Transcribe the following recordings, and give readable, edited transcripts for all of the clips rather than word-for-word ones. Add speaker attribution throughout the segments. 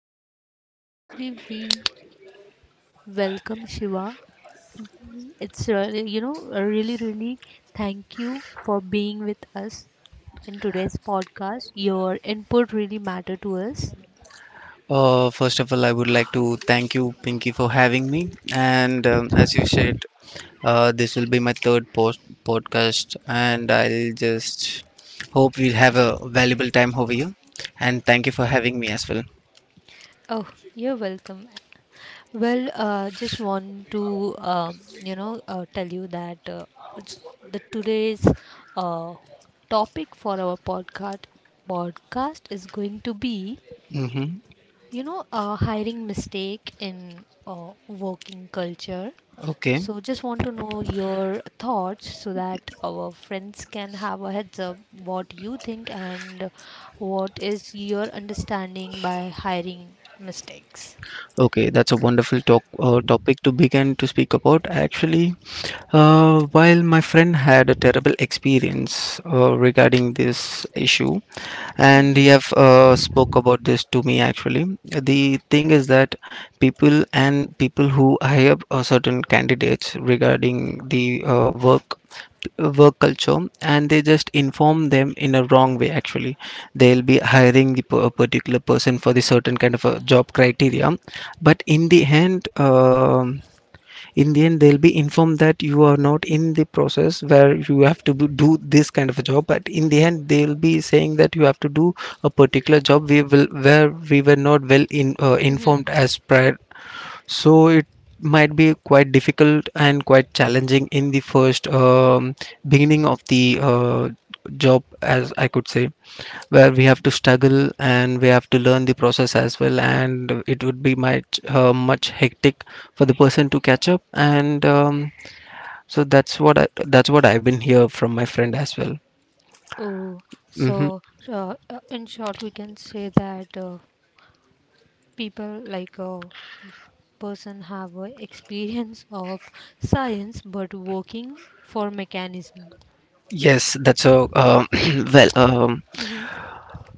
Speaker 1: firstly we welcome Shiva. It's really thank you for being with us in today's podcast. Your input really matter to us.
Speaker 2: First of all, I would like to thank you, Pinky, for having me. And as you said, this will be my third post podcast, and I'll just hope we'll have a valuable time over here. And thank you for having me as well.
Speaker 1: Oh, you're welcome. Well, just want to tell you that it's- the today's uh, topic for our podcast is going to be,
Speaker 2: Mm-hmm.
Speaker 1: you know, a hiring mistake in working culture.
Speaker 2: Okay.
Speaker 1: So just want to know your thoughts so that our friends can have a heads up what you think and what is your understanding by hiring mistakes.
Speaker 2: Okay, that's a wonderful talk topic to begin to speak about. Actually, while my friend had a terrible experience regarding this issue, and
Speaker 1: Mm-hmm.
Speaker 2: he have spoke about this to me actually. The thing is that people and people who hire a certain candidates regarding the work culture, and they just inform them in a wrong way. Actually, they'll be hiring a particular person for the certain kind of a job criteria, but in the end they'll be informed that you are not in the process where you have to do this kind of a job, but in the end they'll be saying that you have to do a particular job we will where we were not well in informed as prior. So it might be quite difficult and quite challenging in the first beginning of the job, as I could say, where we have to struggle and we have to learn the process as well, and it would be much hectic for the person to catch up. And so that's what I've been here from my friend as well.
Speaker 1: Oh,
Speaker 2: hmm
Speaker 1: so in short, we can say that people like a person have a experience of science but working for mechanism.
Speaker 2: Yes, that's a well.
Speaker 1: Mm-hmm.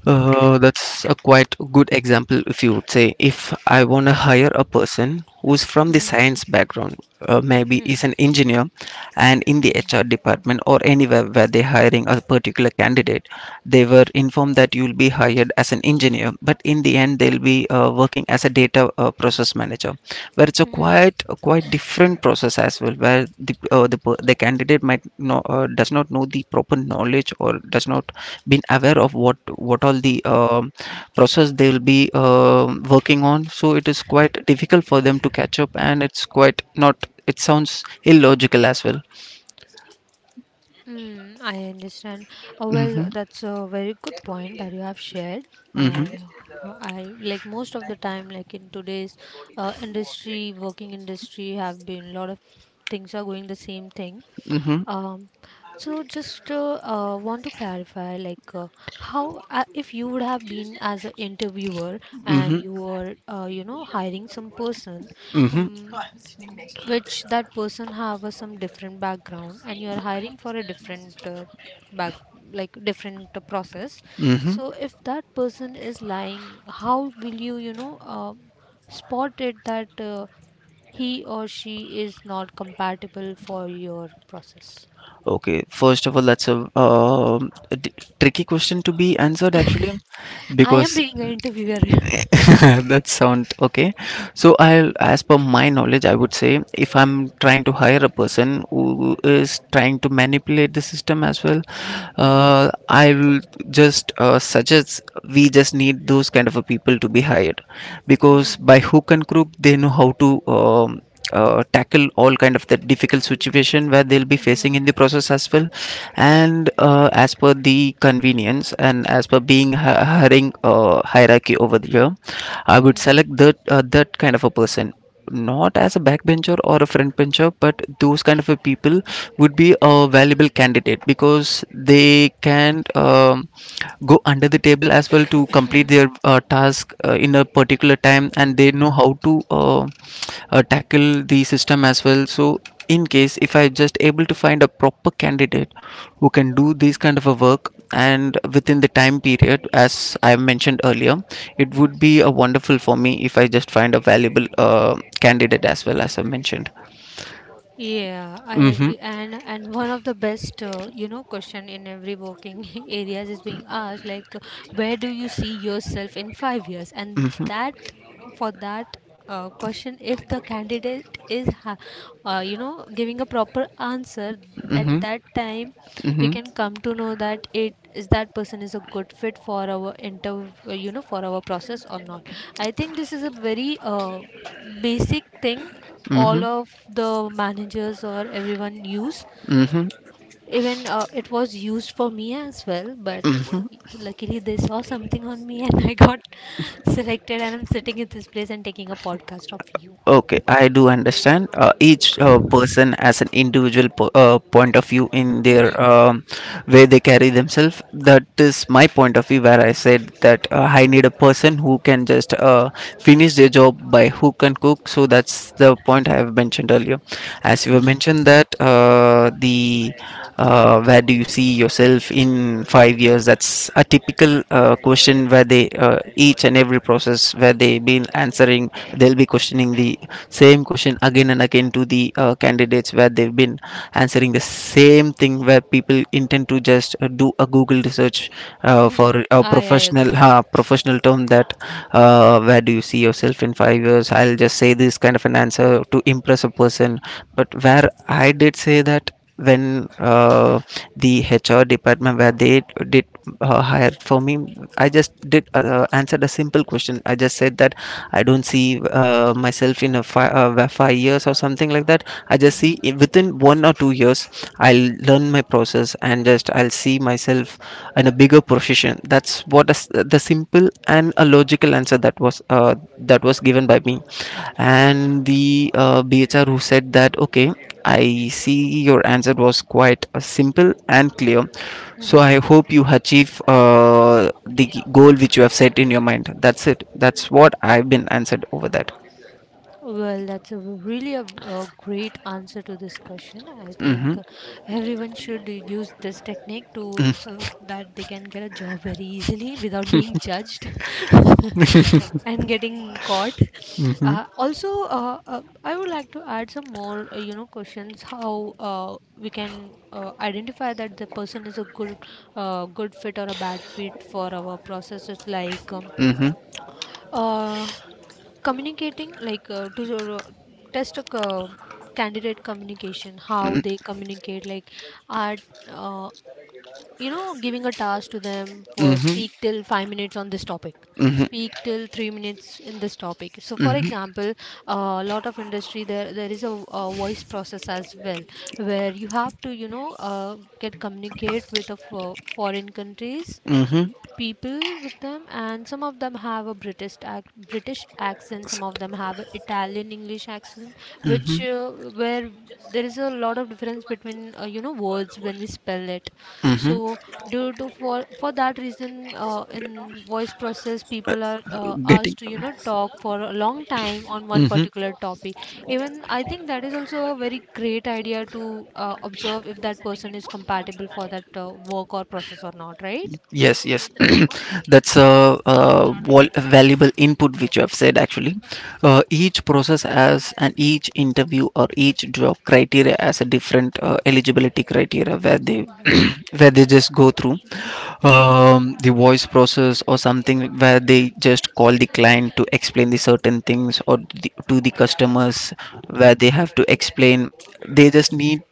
Speaker 2: That's a quite good example, if you would say. If I want to hire a person who's from the
Speaker 1: Mm-hmm.
Speaker 2: science background, maybe
Speaker 1: Mm-hmm.
Speaker 2: is an engineer, and in the
Speaker 1: Mm-hmm.
Speaker 2: HR department or anywhere where they're hiring a particular candidate, they were informed that you'll be hired as an engineer, but in the end, they'll be working as a data processor manager, where it's a
Speaker 1: Mm-hmm.
Speaker 2: quite a quite different process as well, where the candidate might know does not know the proper knowledge or does not been aware of what all the process they will be working on. So it is quite difficult for them to catch up, and it's quite not, it sounds illogical as well.
Speaker 1: Mm, I understand. Well,
Speaker 2: Mm-hmm,
Speaker 1: that's a very good point that you have shared.
Speaker 2: mm-hmm,
Speaker 1: I, I like most of the time, like in today's working industry, have been a lot of things are going the same thing.
Speaker 2: mm-hmm,
Speaker 1: Um, so just want to clarify, like, how, if you would have been as an interviewer and
Speaker 2: mm-hmm,
Speaker 1: you were, you know, hiring some person,
Speaker 2: mm-hmm,
Speaker 1: um, which that person have a some different background, and you are hiring for a different back, like different process.
Speaker 2: mm-hmm.
Speaker 1: So if that person is lying, how will you, you know, spot it that he or she is not compatible for your process?
Speaker 2: Okay, first of all, that's a tricky question to be answered actually,
Speaker 1: I am
Speaker 2: because
Speaker 1: being an interviewer.
Speaker 2: that sound okay. So I'll, as per my knowledge, I would say, if I'm trying to hire a person who is trying to manipulate the system as well,
Speaker 1: Mhm,
Speaker 2: I will just suggest we just need those kind of a people to be hired, because
Speaker 1: mhm,
Speaker 2: by hook and crook they know how to tackle all kind of the difficult situation where they'll be facing
Speaker 1: mhm,
Speaker 2: in the process as well. And as per the convenience and as per being hiring hierarchy over here, I would
Speaker 1: mhm,
Speaker 2: select that that kind of a person, not as a backbencher or a front bencher, but those kind of a people would be a valuable candidate, because they can go under the table as well to complete
Speaker 1: mhm,
Speaker 2: their task in a particular time, and they know how to tackle the system as well. So in case if I just able to find a proper candidate who can do this kind of a work and within the time period as I mentioned earlier, it would
Speaker 1: mhm.
Speaker 2: be a wonderful for me if I just find a valuable candidate as well, as I mentioned.
Speaker 1: Yeah, I
Speaker 2: Mm-hmm,
Speaker 1: agree. And one of the best, you know, question in every working areas is being asked, like, where do you see yourself in 5 years? And
Speaker 2: mm-hmm,
Speaker 1: that for that question, if the candidate is, ha you know, giving a proper answer at
Speaker 2: mm-hmm,
Speaker 1: that time, we
Speaker 2: mm-hmm,
Speaker 1: can come to know that it is that person is a good fit for our for our process or not. I think this is a very basic thing
Speaker 2: mm-hmm,
Speaker 1: all of the managers or everyone use,
Speaker 2: mm-hmm.
Speaker 1: even it was used for me as well, but luckily they saw something on me and I got selected and I'm sitting in this place and taking a podcast of you.
Speaker 2: Okay, I do understand. Each person has an individual point of view in their
Speaker 1: Mm-hmm.
Speaker 2: way they carry themselves. That is my point of view, where I said that I need a person who can just finish their job by hook and cook. So that's the point I have mentioned earlier. As you have
Speaker 1: Hmm.
Speaker 2: mentioned that the where do you see yourself in 5 years, that's a typical question where they each and every process where they've been answering, they'll be questioning the same question again and again to the candidates, where they've been answering the same thing, where people intend to just do a google research
Speaker 1: Mm-hmm.
Speaker 2: for a
Speaker 1: I agree.
Speaker 2: professional term that where do you see yourself in 5 years, I'll just say this kind of an answer to impress a person. But where I did say that when the HR department where they did hire for me, I just did answered a simple question. I just said that I don't see myself in a 5 years or something like that. I just
Speaker 1: Mm-hmm.
Speaker 2: see within 1 or 2 years, I'll learn my process, and just I'll see myself in a bigger position. That's what is the simple and a logical answer that was given by me. And the BHR, who said that okay, I see your answer was quite simple and clear. So I hope you achieve the goal which you have set in your mind. That's it. That's what I've been answered over that.
Speaker 1: Well, that's a w- really a great answer to this question. I think
Speaker 2: Mm-hmm.
Speaker 1: everyone should use this technique to so that they can get a job very easily without being judged and getting caught.
Speaker 2: Mm-hmm.
Speaker 1: Also, I would like to add some more, you know, questions how we can identify that the person is a good fit or a bad fit for our processes like,
Speaker 2: Mm-hmm.
Speaker 1: uh, communicating like, to test a co- candidate communication how they communicate like are, uh, you know, giving a task to them for
Speaker 2: Mm-hmm.
Speaker 1: speak till 5 minutes on this topic,
Speaker 2: Mm-hmm.
Speaker 1: speak till 3 minutes in this topic. So for example a lot of industry there is a voice process as well where you have to, you know, get communicate with the foreign countries
Speaker 2: Mm-hmm.
Speaker 1: people with them. And some of them have a british accent, some of them have an italian english accent which,
Speaker 2: Mm-hmm.
Speaker 1: where there is a lot of difference between, you know, words when we spell it.
Speaker 2: Mm-hmm.
Speaker 1: So due to for that reason, in voice process people are
Speaker 2: Getting.
Speaker 1: asked to, you know, talk for a long time on one
Speaker 2: Mm-hmm.
Speaker 1: particular topic. Even I think that is also a very great idea to observe if that person is compatible for that work or process or not, right?
Speaker 2: Yes, yes, that's a, valuable input which you have said actually. Each process has, and each interview or each job criteria has a different eligibility criteria, where they where they just go through
Speaker 1: Mhm.
Speaker 2: the voice process or something, where they just call the client to explain the certain things, or the, to the customers, where they have to explain. They just need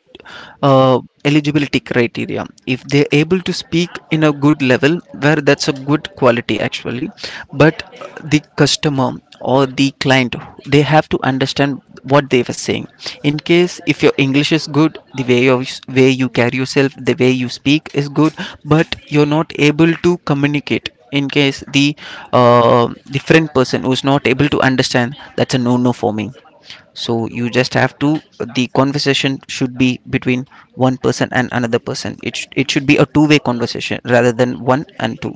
Speaker 2: uh, eligibility criteria, if they're able to speak in a good level, where that's a good quality actually. But the customer or the client, they have to understand what they were saying. In case if your english is good, the way of way you carry
Speaker 1: Mhm.
Speaker 2: yourself, the way you speak is good, but you're not able to communicate, in case
Speaker 1: Mhm.
Speaker 2: uh, the friend person who's not able to understand, that's a no no for me. So you just have to the conversation should be between one person and another person, it should be a two-way conversation rather than one and two.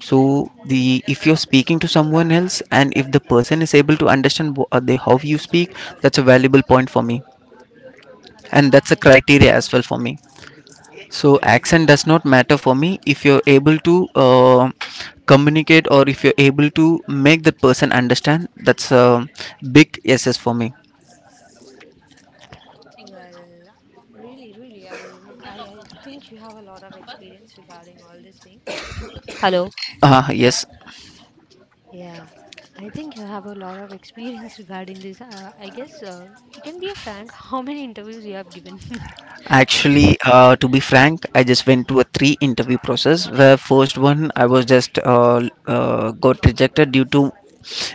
Speaker 2: So
Speaker 1: Mm.
Speaker 2: the if you're speaking to someone else, and if the person is able to understand how you speak, that's a valuable point for me, and that's a
Speaker 1: I
Speaker 2: criteria as well for me. So accent does not matter for me. If you're able to communicate, or if you're able to make that person understand, that's a big yeses for me.
Speaker 1: well, really, really, I think you have a lot of experience regarding all this thing. Hello.
Speaker 2: Ah yes.
Speaker 1: Yeah, I think you have a lot of experience regarding this. I guess you can be a frank. How many interviews you have given?
Speaker 2: Actually, to be frank, I just went to a three interview process, where first one I was just got rejected due to,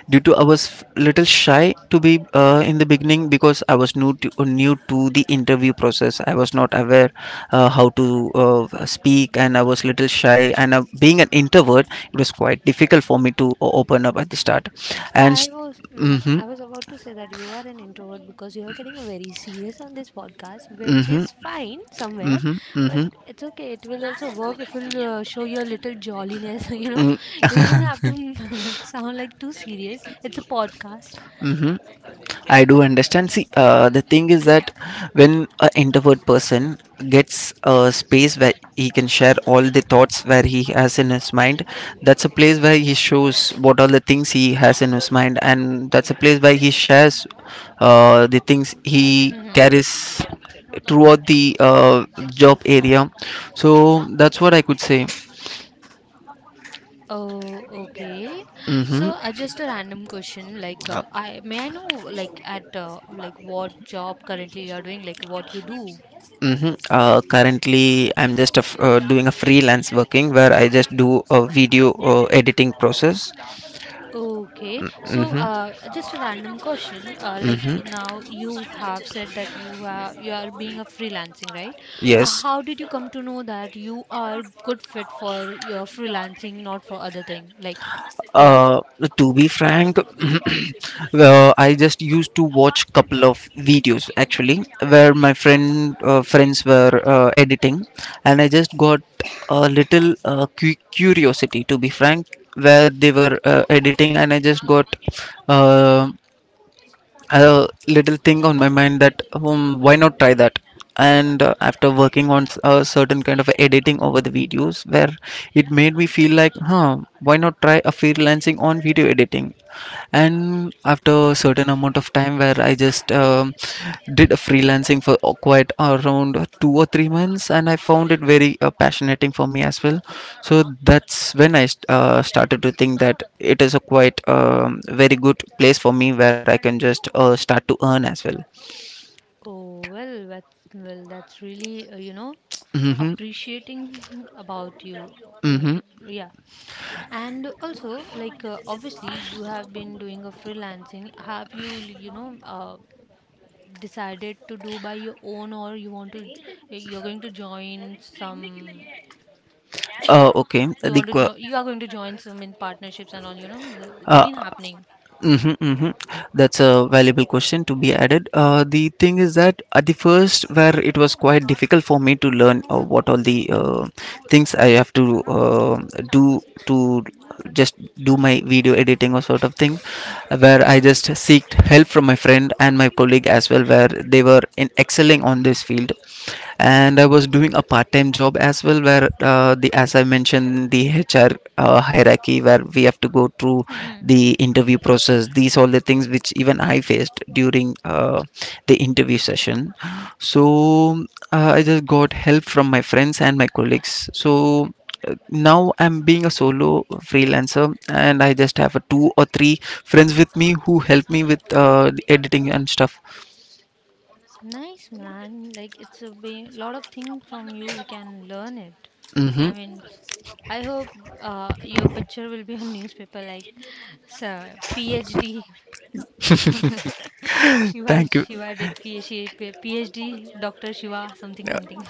Speaker 2: due to I was little shy to be in the beginning, because I was new to, new to the interview process. I was not aware how to speak, and I was little shy, and being an introvert, it was quite difficult for me to open up at the start. And
Speaker 1: I was mhm.
Speaker 2: mm-hmm,
Speaker 1: I was about to say that you are an introvert because you are getting a very serious on this podcast, which
Speaker 2: mm-hmm,
Speaker 1: is fine somewhere,
Speaker 2: mm-hmm,
Speaker 1: but
Speaker 2: mm-hmm,
Speaker 1: it's okay. It will also work if you'll show your little jolliness. You know,
Speaker 2: mm-hmm.
Speaker 1: you don't have to sound like too serious. It's a podcast.
Speaker 2: I do understand. See, the thing is that when an introvert person gets a space where he can share all the thoughts where he has in his mind, that's a place where he shows what all the things he has in his mind, and that's a place where he shares the things he
Speaker 1: Hmm.
Speaker 2: carries throughout the job area. So that's what I could say.
Speaker 1: Oh, okay.
Speaker 2: hmm
Speaker 1: So, just a random question. Like, I may I know, like, at like what job currently you are doing, like what you do.
Speaker 2: Mm-hmm. Currently, I'm just a f doing a freelance working, where I just do a video editing process.
Speaker 1: Okay, so
Speaker 2: Mm-hmm.
Speaker 1: just a random question. Like
Speaker 2: Mm-hmm.
Speaker 1: now you have said that you are being a freelancing, right?
Speaker 2: Yes.
Speaker 1: How did you come to know that you are good fit for your freelancing, not for other thing? Like, yeah.
Speaker 2: Uh, to be frank, well, I just used to watch couple of videos actually, where my friends were editing, and I just got a little curiosity, to be frank, where they were editing, and I just got um a little thing on my mind that why not try that. And after working on a certain kind of editing over the videos, where it made me feel like, huh, why not try a freelancing on video editing. And after a certain amount of time, where I just did a freelancing for quite around 2 or 3 months, and I found it very passionating for me as well. So that's when I started to think that it is a quite very good place for me, where I can just start to earn as well.
Speaker 1: Oh well, that's really, you know,
Speaker 2: Mm-hmm.
Speaker 1: appreciating about you. You know,
Speaker 2: Mm-hmm.
Speaker 1: yeah. And also, like, obviously, you have been doing a freelancing. Have you, you know, decided to do by your own or you want to, you're going to join some
Speaker 2: Uh, okay
Speaker 1: you
Speaker 2: the
Speaker 1: want to
Speaker 2: qu-
Speaker 1: join, you are going to join some in partnerships and all, you know, the- it's
Speaker 2: uh,
Speaker 1: been happening.
Speaker 2: Mm-hmm, mm-hmm. That's a valuable question to be added. The thing is that at the first, where it was quite difficult for me to learn what all the things I have to do to just do my video editing or sort of thing, where I just seeked help from my friend and my colleague as well, where they were in excelling on this field, and I was doing a part-time job as well, where the as I mentioned the HR hierarchy, where we have to go through
Speaker 1: Hmm.
Speaker 2: the interview process. These all the things which even I faced during the interview session. So I just got help from my friends and my colleagues. So now I'm being a solo freelancer, and I just have a two or three friends with me who help me with the editing and stuff.
Speaker 1: Nice man, like it's a be- lot of thing from you we can learn it. I
Speaker 2: Hmm.
Speaker 1: mean, I hope your picture will be on newspaper, like, so phd, shiva
Speaker 2: Thank you.
Speaker 1: shiva did phd, phd, dr shiva something something.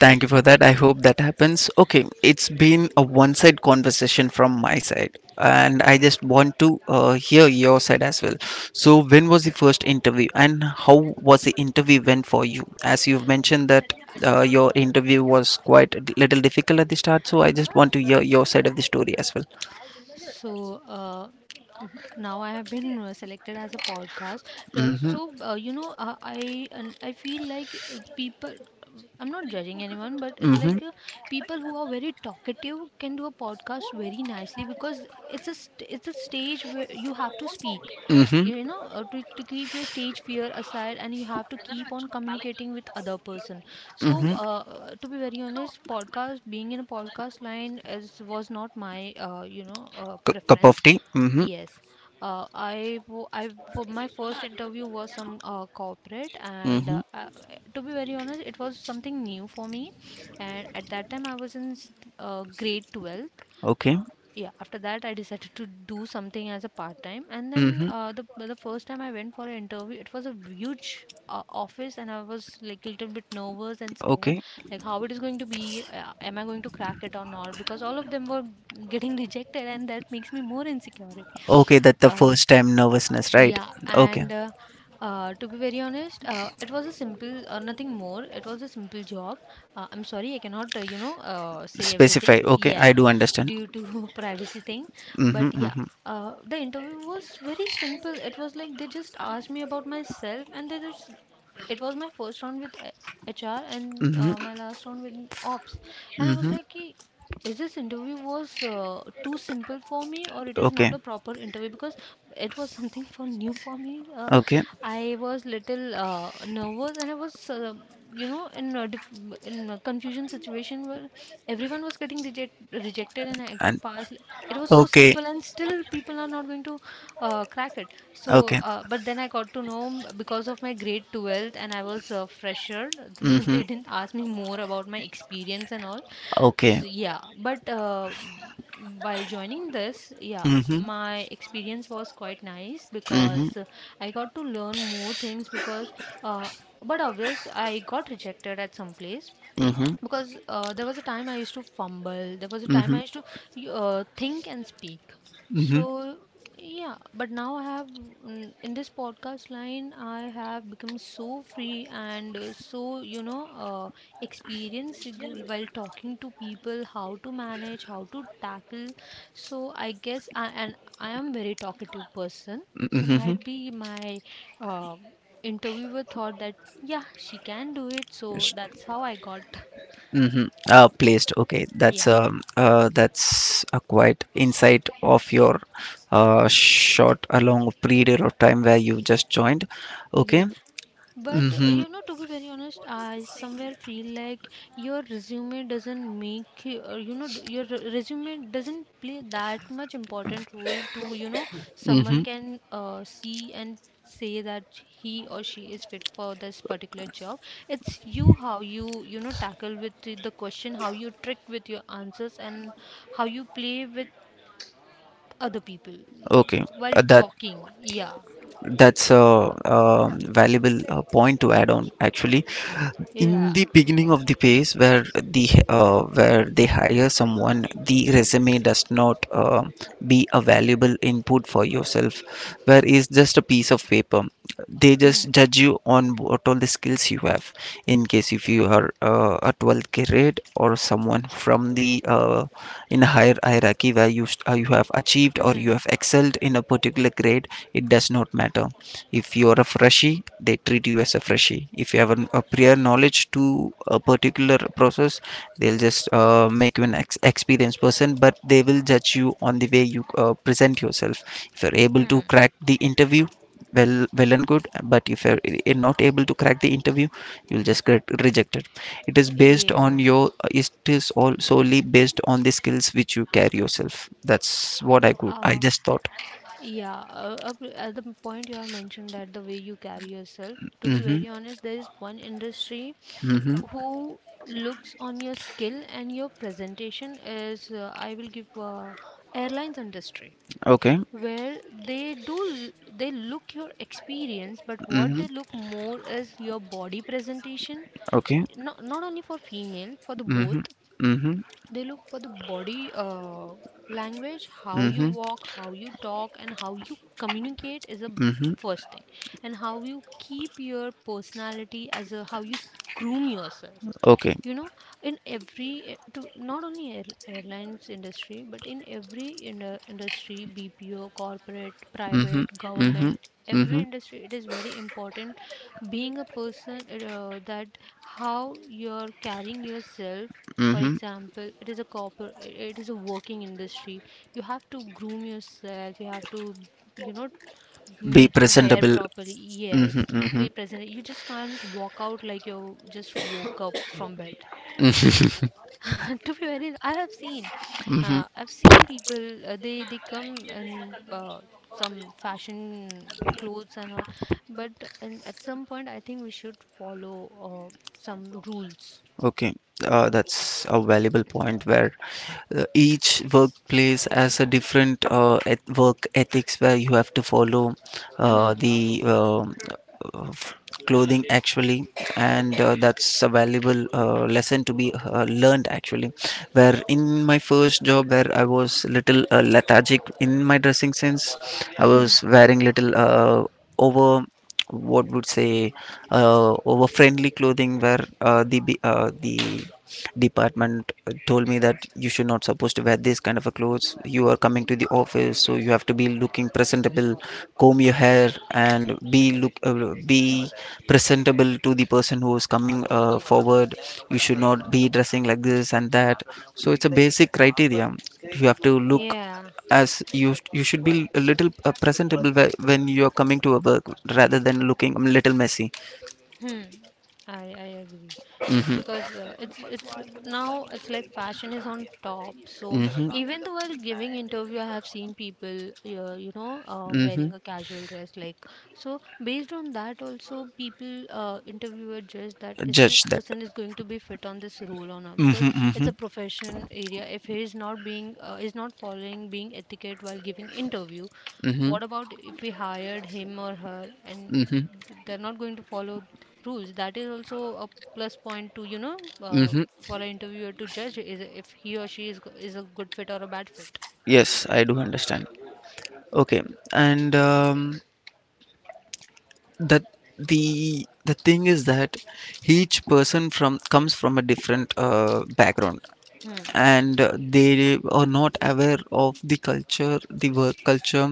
Speaker 2: Thank you for that. I hope that happens. Okay, it's been a one side conversation from my side, and I just want to hear your side as well. So, when was the first interview, and how was the interview went for you? As you've mentioned that your interview was quite little difficult at the start, so I just want to hear your side of the story as well.
Speaker 1: So now I have been selected as a podcast.
Speaker 2: Mm-hmm.
Speaker 1: So you know, I feel like people. I'm not judging anyone, but it's
Speaker 2: Mm-hmm.
Speaker 1: like people who are very talkative can do a podcast very nicely because it's a stage where you have to speak.
Speaker 2: Mm-hmm.
Speaker 1: You know, to keep your stage fear aside, and you have to keep on communicating with other person. So,
Speaker 2: Mm-hmm.
Speaker 1: to be very honest, podcast being in a podcast line is was not my,
Speaker 2: Cup
Speaker 1: preference.
Speaker 2: of tea. Mm-hmm.
Speaker 1: Yes, I for my first interview was some corporate, and,
Speaker 2: Mm-hmm.
Speaker 1: to be very honest, it was something new for me. And at that time, I was in grade 12.
Speaker 2: Okay.
Speaker 1: Yeah, after that I decided to do something as a part time. And then
Speaker 2: Mm-hmm.
Speaker 1: the first time I went for an interview, it was a huge office and I was like a little bit nervous and scared,
Speaker 2: Okay.
Speaker 1: like how it is going to be. Uh, am I going to crack it or not, because all of them were getting rejected and that makes me more insecure, right?
Speaker 2: Okay, that's the
Speaker 1: I
Speaker 2: first time nervousness, right?
Speaker 1: Yeah, and,
Speaker 2: Okay.
Speaker 1: to be very honest, it was a simple, nothing more. It was a simple job. I'm sorry, I cannot, you know, say everything.
Speaker 2: Specify. Okay,
Speaker 1: Yeah,
Speaker 2: I do understand.
Speaker 1: due to privacy thing. But
Speaker 2: Mm-hmm,
Speaker 1: yeah,
Speaker 2: mm-hmm,
Speaker 1: the interview was very simple. It was like they just asked me about myself, and they just, it was my first round with HR and
Speaker 2: mm-hmm,
Speaker 1: my last round with ops. And I was
Speaker 2: mm-hmm.
Speaker 1: like, "Ki, is this interview was too simple for me or it is not
Speaker 2: Okay,
Speaker 1: a proper interview because it was something for new for me.
Speaker 2: okay,
Speaker 1: I was little nervous and I was, you know, in a in a confusion situation where everyone was getting rejected and I got
Speaker 2: and
Speaker 1: passed. It was so
Speaker 2: okay,
Speaker 1: simple and still people are not going to crack it. So,
Speaker 2: okay.
Speaker 1: but then I got to know m- because of my grade 12th and I was a fresher, they
Speaker 2: Mm-hmm.
Speaker 1: didn't ask me more about my experience and all. So,
Speaker 2: Okay.
Speaker 1: yeah, but while joining this, yeah,
Speaker 2: Mm-hmm.
Speaker 1: my experience was quite nice
Speaker 2: Mm-hmm.
Speaker 1: because I got to learn more things because, uh, but obvious, I got rejected at some place
Speaker 2: Mm-hmm.
Speaker 1: because there was a time I used to fumble. There was a time I
Speaker 2: Mm-hmm.
Speaker 1: used to think and speak.
Speaker 2: Mm-hmm.
Speaker 1: So yeah, but now I have in this podcast line I have become so free and experienced, while talking to people how to manage, how to tackle. So I guess I am very talkative person. So
Speaker 2: Mm-hmm.
Speaker 1: might be my uh, interviewer thought that yeah she can do it. So that's how I got.
Speaker 2: Mm-hmm. Placed. Okay,
Speaker 1: Yeah,
Speaker 2: that's a quite insight of your short a long period of time where you just joined.
Speaker 1: yes.
Speaker 2: Okay.
Speaker 1: But you
Speaker 2: Mm-hmm.
Speaker 1: know, to be very honest, I somewhere feel like your resume doesn't make you, you know, resume doesn't play that much important role to, you know, someone
Speaker 2: Mm-hmm.
Speaker 1: can see and say that he or she is fit for this particular job. It's you how you, tackle with the question, how you trick with your answers, and how you play with other people
Speaker 2: Okay.
Speaker 1: while
Speaker 2: Uh, that
Speaker 1: talking. Yeah,
Speaker 2: That's a, valuable point to add on. Actually,
Speaker 1: yeah.
Speaker 2: in the beginning of the phase where the where they hire someone, the resume does not be a valuable input for yourself, where it's just a piece of paper. They just judge you on what all the skills you have. In case if you are a 12th grade or someone from the in a higher hierarchy where you have achieved or you
Speaker 1: Mm.
Speaker 2: have excelled in a particular grade, it does not matter. If you are a freshie, they treat you as a freshie. If you have a prior knowledge to a particular process, they'll just make you an experienced person, but they will judge you on the way you present yourself. If you're able to
Speaker 1: Hmm.
Speaker 2: crack the interview, well well and good. But if you're not able to crack the interview, you'll just get rejected. It is based on
Speaker 1: Yeah.
Speaker 2: your... It is all solely based on the skills which you carry yourself. That's what I
Speaker 1: Uh,
Speaker 2: just thought.
Speaker 1: yeah. At the point you have mentioned that the way you carry yourself, to be
Speaker 2: Mm-hmm.
Speaker 1: very honest, there is one industry
Speaker 2: Mm-hmm.
Speaker 1: who looks on your skill and your presentation is I will give airlines industry
Speaker 2: Okay.
Speaker 1: where they do they look your experience, but
Speaker 2: Mm-hmm.
Speaker 1: what they look more is your body presentation,
Speaker 2: Okay.
Speaker 1: not only for female, for the
Speaker 2: Mm-hmm.
Speaker 1: both.
Speaker 2: Mm-hmm.
Speaker 1: They look for the body language, how
Speaker 2: Mm-hmm.
Speaker 1: you walk, how you talk, and how you communicate is a
Speaker 2: Mm-hmm.
Speaker 1: first thing, and how you keep your personality, as a how you groom yourself,
Speaker 2: Okay.
Speaker 1: you know in every to not only airlines industry but in every industry, BPO, corporate,
Speaker 2: Mm-hmm.
Speaker 1: private,
Speaker 2: Mm-hmm.
Speaker 1: government,
Speaker 2: Mm-hmm.
Speaker 1: every industry it is very important, being a person that how you're carrying yourself. For
Speaker 2: Mm-hmm.
Speaker 1: example, it is a corporate, it is a working industry, you have to groom yourself, you have to, you know
Speaker 2: Be
Speaker 1: make your hair
Speaker 2: presentable.
Speaker 1: properly.
Speaker 2: Mm-hmm.
Speaker 1: Yes,
Speaker 2: Mm-hmm.
Speaker 1: be present, you just can't walk out like you just woke up from bed.
Speaker 2: Mm-hmm.
Speaker 1: To be very, I have seen, I've seen people, they come in uh, some fashion clothes and all. But and at some point I think we should follow uh, some rules.
Speaker 2: Okay, that's a valuable point where each workplace has a different work ethics where you have to follow
Speaker 1: Mhm.
Speaker 2: the uh, f- clothing, actually, and that's a valuable lesson to be learned, actually. Where in my first job, where I was little lethargic in my dressing sense, I was wearing little over, what would say, over friendly clothing, where the department told me that you should not supposed to wear this kind of a clothes. You are coming to the office, so you have to be looking presentable. Comb your hair and be look be presentable to the person who is coming forward. You should not be dressing like this and that. So it's a basic criteria. You have to look
Speaker 1: Yeah.
Speaker 2: as you should be a little presentable when you are coming to a work, rather than looking little messy.
Speaker 1: Hmm. I agree,
Speaker 2: Mm-hmm.
Speaker 1: because it's now it's like fashion is on top. So
Speaker 2: Mm-hmm.
Speaker 1: even though while giving interview, I have seen people,
Speaker 2: Mm-hmm.
Speaker 1: wearing a casual dress, like, so. Based on that, also people, interviewer judge that is
Speaker 2: Judge
Speaker 1: this
Speaker 2: that.
Speaker 1: person is going to be fit on this role or not,
Speaker 2: Mm-hmm.
Speaker 1: because
Speaker 2: Mm-hmm.
Speaker 1: it's a profession area. If he is not being is not following being etiquette while giving interview,
Speaker 2: Mm-hmm.
Speaker 1: what about if we hired him or her and
Speaker 2: Mm-hmm.
Speaker 1: they're not going to follow rules? That is also a plus point to,
Speaker 2: Mm-hmm.
Speaker 1: for an interviewer to judge is if he or she is a good fit or a bad fit.
Speaker 2: Yes, I do understand. Okay, and that the thing is that each person from comes from a different background,
Speaker 1: Hmm.
Speaker 2: and they are not aware of the culture, the work culture.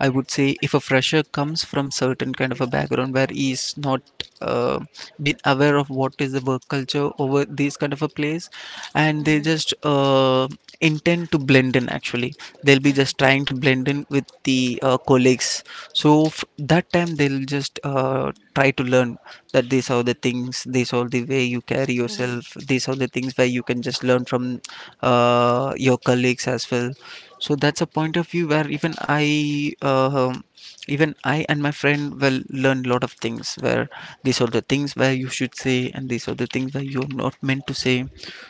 Speaker 2: I would say if a fresher comes from certain kind of a background where he is not uh, been aware of what is the work culture over these kind of a place, and they
Speaker 1: Hmm.
Speaker 2: just intend to blend in, actually. They'll be just
Speaker 1: Hmm.
Speaker 2: trying to blend in with the colleagues. So that time they'll just try to learn that these are the things, these are the way you carry
Speaker 1: Hmm.
Speaker 2: yourself, these are the things where you can just learn from your colleagues as well. So that's a point of view where even I and my friend will learn a lot of things. Where these are the things where you should say, and these are the things where you're not meant to say.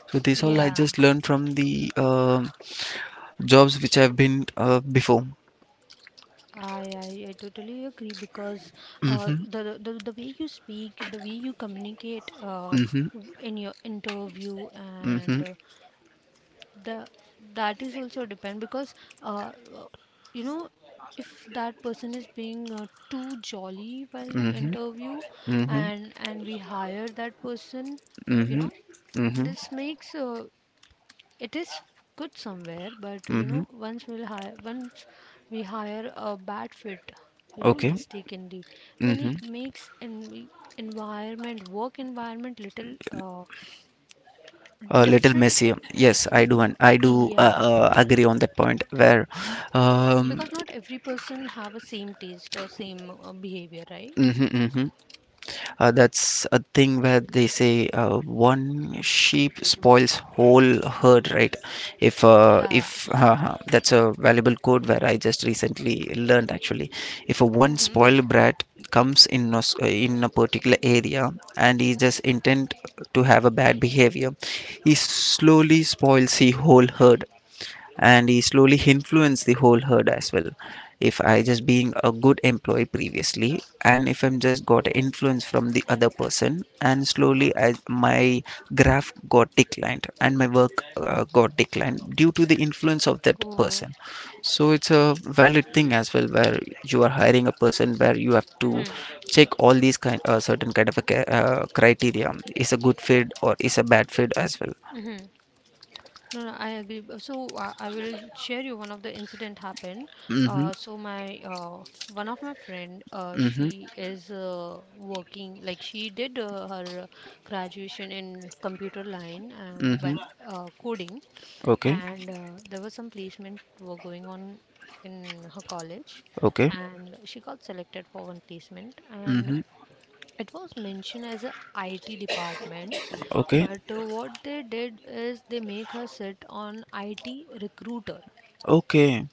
Speaker 2: So this all I
Speaker 1: Yeah,
Speaker 2: just learned from the jobs which I've been before.
Speaker 1: I totally agree, because uh
Speaker 2: Mm-hmm.
Speaker 1: the, the the way you speak, the way you communicate
Speaker 2: Mm-hmm.
Speaker 1: in your interview
Speaker 2: Mm-hmm.
Speaker 1: and the that is also depend, because uh, uh, you know if that person is being too jolly while
Speaker 2: Mm-hmm.
Speaker 1: interview
Speaker 2: Mm-hmm.
Speaker 1: and we hire that person, you
Speaker 2: Mm-hmm.
Speaker 1: know,
Speaker 2: Mm-hmm.
Speaker 1: this makes it is good somewhere, but you
Speaker 2: Mm-hmm.
Speaker 1: know, once we'll hire once we hire a bad fit, you know,
Speaker 2: Okay.
Speaker 1: mistakenly, then
Speaker 2: Mm-hmm.
Speaker 1: it makes an environment, work environment little
Speaker 2: A little
Speaker 1: different.
Speaker 2: messy. Yes, I
Speaker 1: Mm,
Speaker 2: do, and I do
Speaker 1: yeah,
Speaker 2: agree on that point, where um
Speaker 1: because not every person have a same taste or same behavior, right?
Speaker 2: mhm, mhm. That's a thing where they say, one sheep spoils whole herd, right?
Speaker 1: Yeah.
Speaker 2: If That's a valuable quote where I just recently learned, actually. If a one
Speaker 1: Mm-hmm.
Speaker 2: spoiled brat comes in a particular area, and he just intent to have a bad behavior, he slowly spoils the whole herd, and he slowly influenced the whole herd as well. If I just being a good employee previously, and if I'm just got influence from the other person, and slowly my graph got declined, and my work got declined due to the influence of that
Speaker 1: Oh.
Speaker 2: person. So it's a valid thing as well, where you are hiring a person, where you have to
Speaker 1: Mm-hmm.
Speaker 2: check all these kind certain kind of a criteria is a good fit or is a bad fit as well.
Speaker 1: Mm-hmm. No, no, I agree. So I will share you one of the incident happened.
Speaker 2: Mm-hmm.
Speaker 1: So my one of my friend,
Speaker 2: Mm-hmm.
Speaker 1: she is working, like she did her graduation in computer line and
Speaker 2: Mm-hmm.
Speaker 1: well, coding.
Speaker 2: Okay.
Speaker 1: And there was some placement were going on in her college,
Speaker 2: Okay.
Speaker 1: and she got selected for one placement,
Speaker 2: Mm-hmm.
Speaker 1: and it was mentioned as a IT department.
Speaker 2: Okay.
Speaker 1: But what they did is they make her sit on IT recruiter,
Speaker 2: Okay.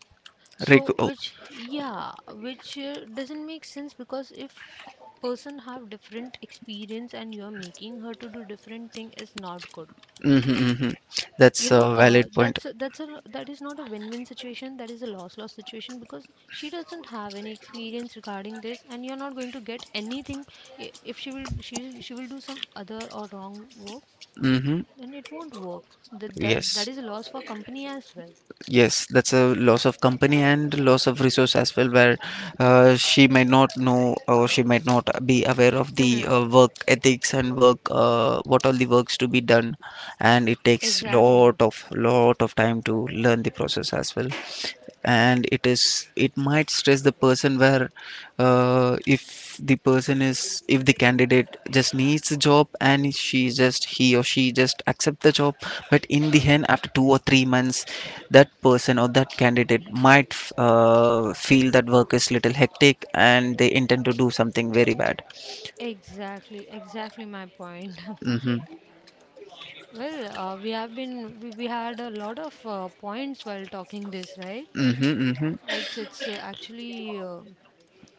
Speaker 1: so
Speaker 2: Oh.
Speaker 1: which, yeah, which doesn't make sense, because if person have different experience and you're making her to do different thing is not good,
Speaker 2: Mm-hmm, mm-hmm. That's a valid point.
Speaker 1: that's a that is not a win-win situation, that is a loss-loss situation, because she doesn't have any experience regarding this, and you're not going to get anything. If she will, she will do some other or wrong work,
Speaker 2: Mm-hmm.
Speaker 1: then it won't work. that that,
Speaker 2: Yes.
Speaker 1: that is a loss for company as well.
Speaker 2: Yes. That's a loss of company and loss of resource as well, where she might not know, or she might not be aware of the
Speaker 1: Hmm.
Speaker 2: work ethics and work, what all the works to be done, and it takes
Speaker 1: exactly
Speaker 2: lot of time to learn the process as well. And it might stress the person, where if the person is if the candidate just needs a job, and she just he or she just accept the job, but in the end after 2 or 3 months, that person or that candidate might feel that work is little hectic, and they intend to do something very bad.
Speaker 1: exactly exactly my point.
Speaker 2: Mm-hmm.
Speaker 1: Well, we have been, we had a lot of points while talking this, right?
Speaker 2: Mm-hmm, mm-hmm,
Speaker 1: It's actually,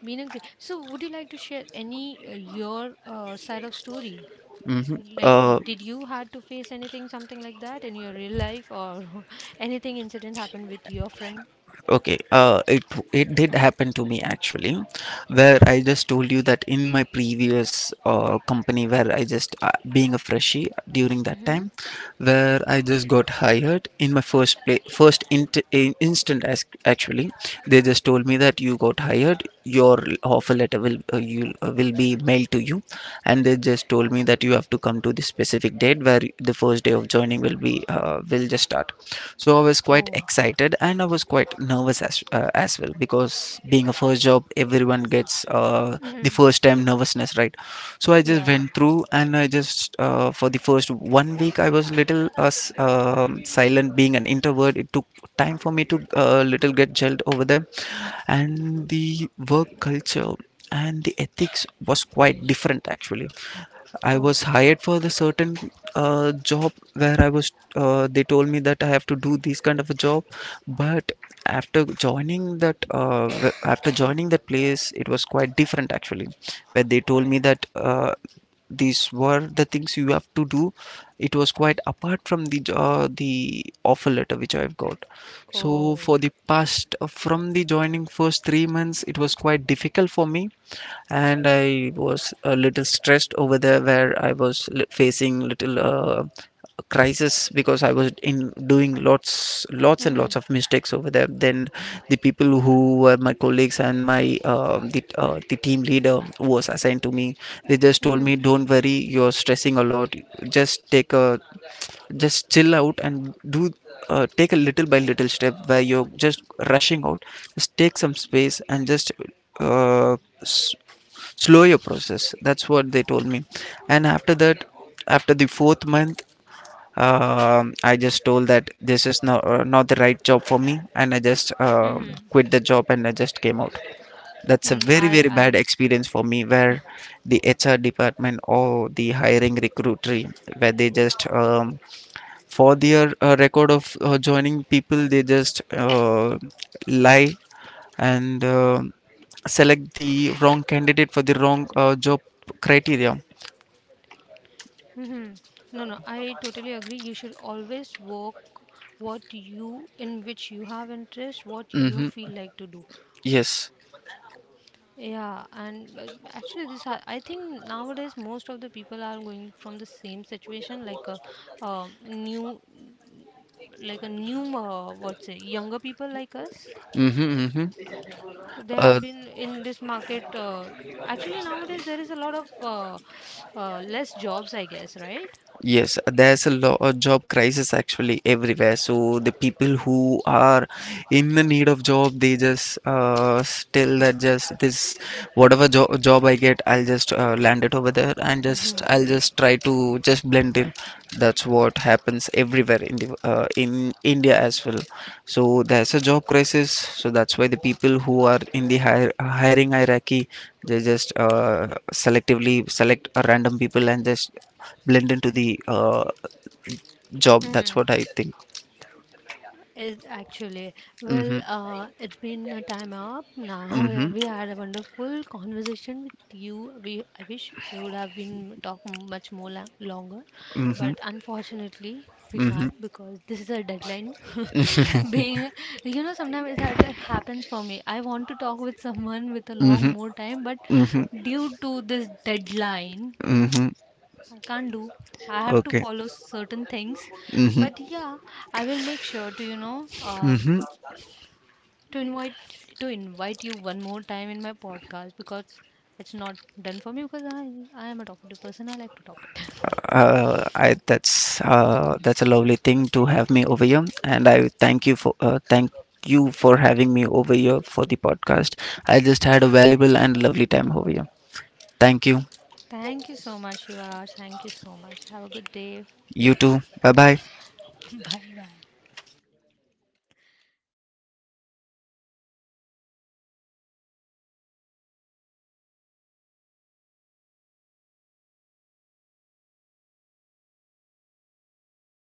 Speaker 1: been a great. So would you like to share any your side of story?
Speaker 2: mm-hmm.
Speaker 1: Like,
Speaker 2: Uh,
Speaker 1: did you had to face anything, something like that in your real life, or anything incident happened with your friend?
Speaker 2: Okay, it did happen to me, actually, where I just told you that in my previous company, where I just being a freshie during that
Speaker 1: Mm-hmm.
Speaker 2: time, where I just got hired in my first instant as, actually, they just told me that you got hired, your offer letter will be mailed to you, and they just told me that you have to come to this specific date, where the first day of joining will just start. So I was quite
Speaker 1: Oh.
Speaker 2: excited, and I was quite nervous as well, because being a first job everyone gets the
Speaker 1: Mm-hmm.
Speaker 2: first time nervousness, right? So I just
Speaker 1: Yeah.
Speaker 2: went through, and I just for the first one week, I was little silent being an introvert. It took time for me to little get gelled over there, and the work culture and the ethics was quite different, actually. I
Speaker 1: Oh.
Speaker 2: was hired for the certain job, where I was they told me that I have to do this kind of a job. But after joining that after joining that place, it was quite different, actually, where they told me that these were the things you have to do. It was quite apart from the offer letter which I've got. So
Speaker 1: Oh.
Speaker 2: for the past from the joining first 3 months, it was quite difficult for me, and I was a little stressed over there, where I was facing little crisis, because I was in doing lots and
Speaker 1: Mm-hmm.
Speaker 2: lots of mistakes over there. Then the people who were my colleagues and my the team leader who was assigned to me, they just told
Speaker 1: Mm-hmm.
Speaker 2: me, "Don't worry, you're stressing a lot. Just take a... just chill out and do, take a little by little step where you're just rushing out. Just take some space, and just uh, s- slow your process." That's what they told me. And after that, after the fourth month, I just told that this is not the right job for me, and I just
Speaker 1: Mm-hmm.
Speaker 2: quit the job, and I just came out. That's a
Speaker 1: Mm,
Speaker 2: very,
Speaker 1: I.
Speaker 2: very bad
Speaker 1: I.
Speaker 2: experience for me, where the HR department or the hiring recruitery, where they just for their record of joining people, they just lie, and select the wrong candidate for the wrong job criteria.
Speaker 1: Mm-hmm. No. No. I totally agree. You should always work what you in which you have interest, what you feel
Speaker 2: Mm-hmm.
Speaker 1: like to do.
Speaker 2: Yes.
Speaker 1: Yeah, and but actually, this I think nowadays most of the people are going from the same situation, like a, um, new, like a new, what's it, younger people like us.
Speaker 2: Mm-hmm. Mm-hmm.
Speaker 1: They
Speaker 2: uh,
Speaker 1: have been in this market. Actually, nowadays there is a lot of less jobs, I guess, right?
Speaker 2: yes, there's a lot of job crisis actually everywhere. So the people who are in the need of job, they just tell that just this whatever jo job I get, I'll just land it over there, and just I'll just try to just blend in. That's what happens everywhere in the in India as well. So there's a job crisis, so that's why the people who are in the hiring hierarchy, they just selectively select a random people and just blend into the job. That's
Speaker 1: Hmm.
Speaker 2: what I think.
Speaker 1: Is actually, well,
Speaker 2: Mhm.
Speaker 1: it's been a time up now.
Speaker 2: Mhm.
Speaker 1: We had a wonderful conversation with you. I wish we would have been talking much more longer,
Speaker 2: Mhm.
Speaker 1: but unfortunately, we
Speaker 2: Mhm.
Speaker 1: can't, because this is a deadline. Being, you know, sometimes it's that it happens for me. I want to talk with someone with a long
Speaker 2: Mhm.
Speaker 1: more time, but
Speaker 2: Mhm.
Speaker 1: due to this deadline,
Speaker 2: Mhm.
Speaker 1: I can't do. I have to
Speaker 2: Okay.
Speaker 1: follow certain things,
Speaker 2: Mhm.
Speaker 1: but yeah, I will make sure to,
Speaker 2: Mhm.
Speaker 1: to invite to invite you one more time in my podcast, because it's not done for me, because I am a talkative person. I like to talk it.
Speaker 2: I that's a lovely thing to have me over here, and I thank you for having me over here for the podcast. I just had a valuable and lovely time over here. Thank you.
Speaker 1: Thank you so much, Shiva. Thank you so much. Have a good day.
Speaker 2: You too. Bye bye.
Speaker 1: Bye bye.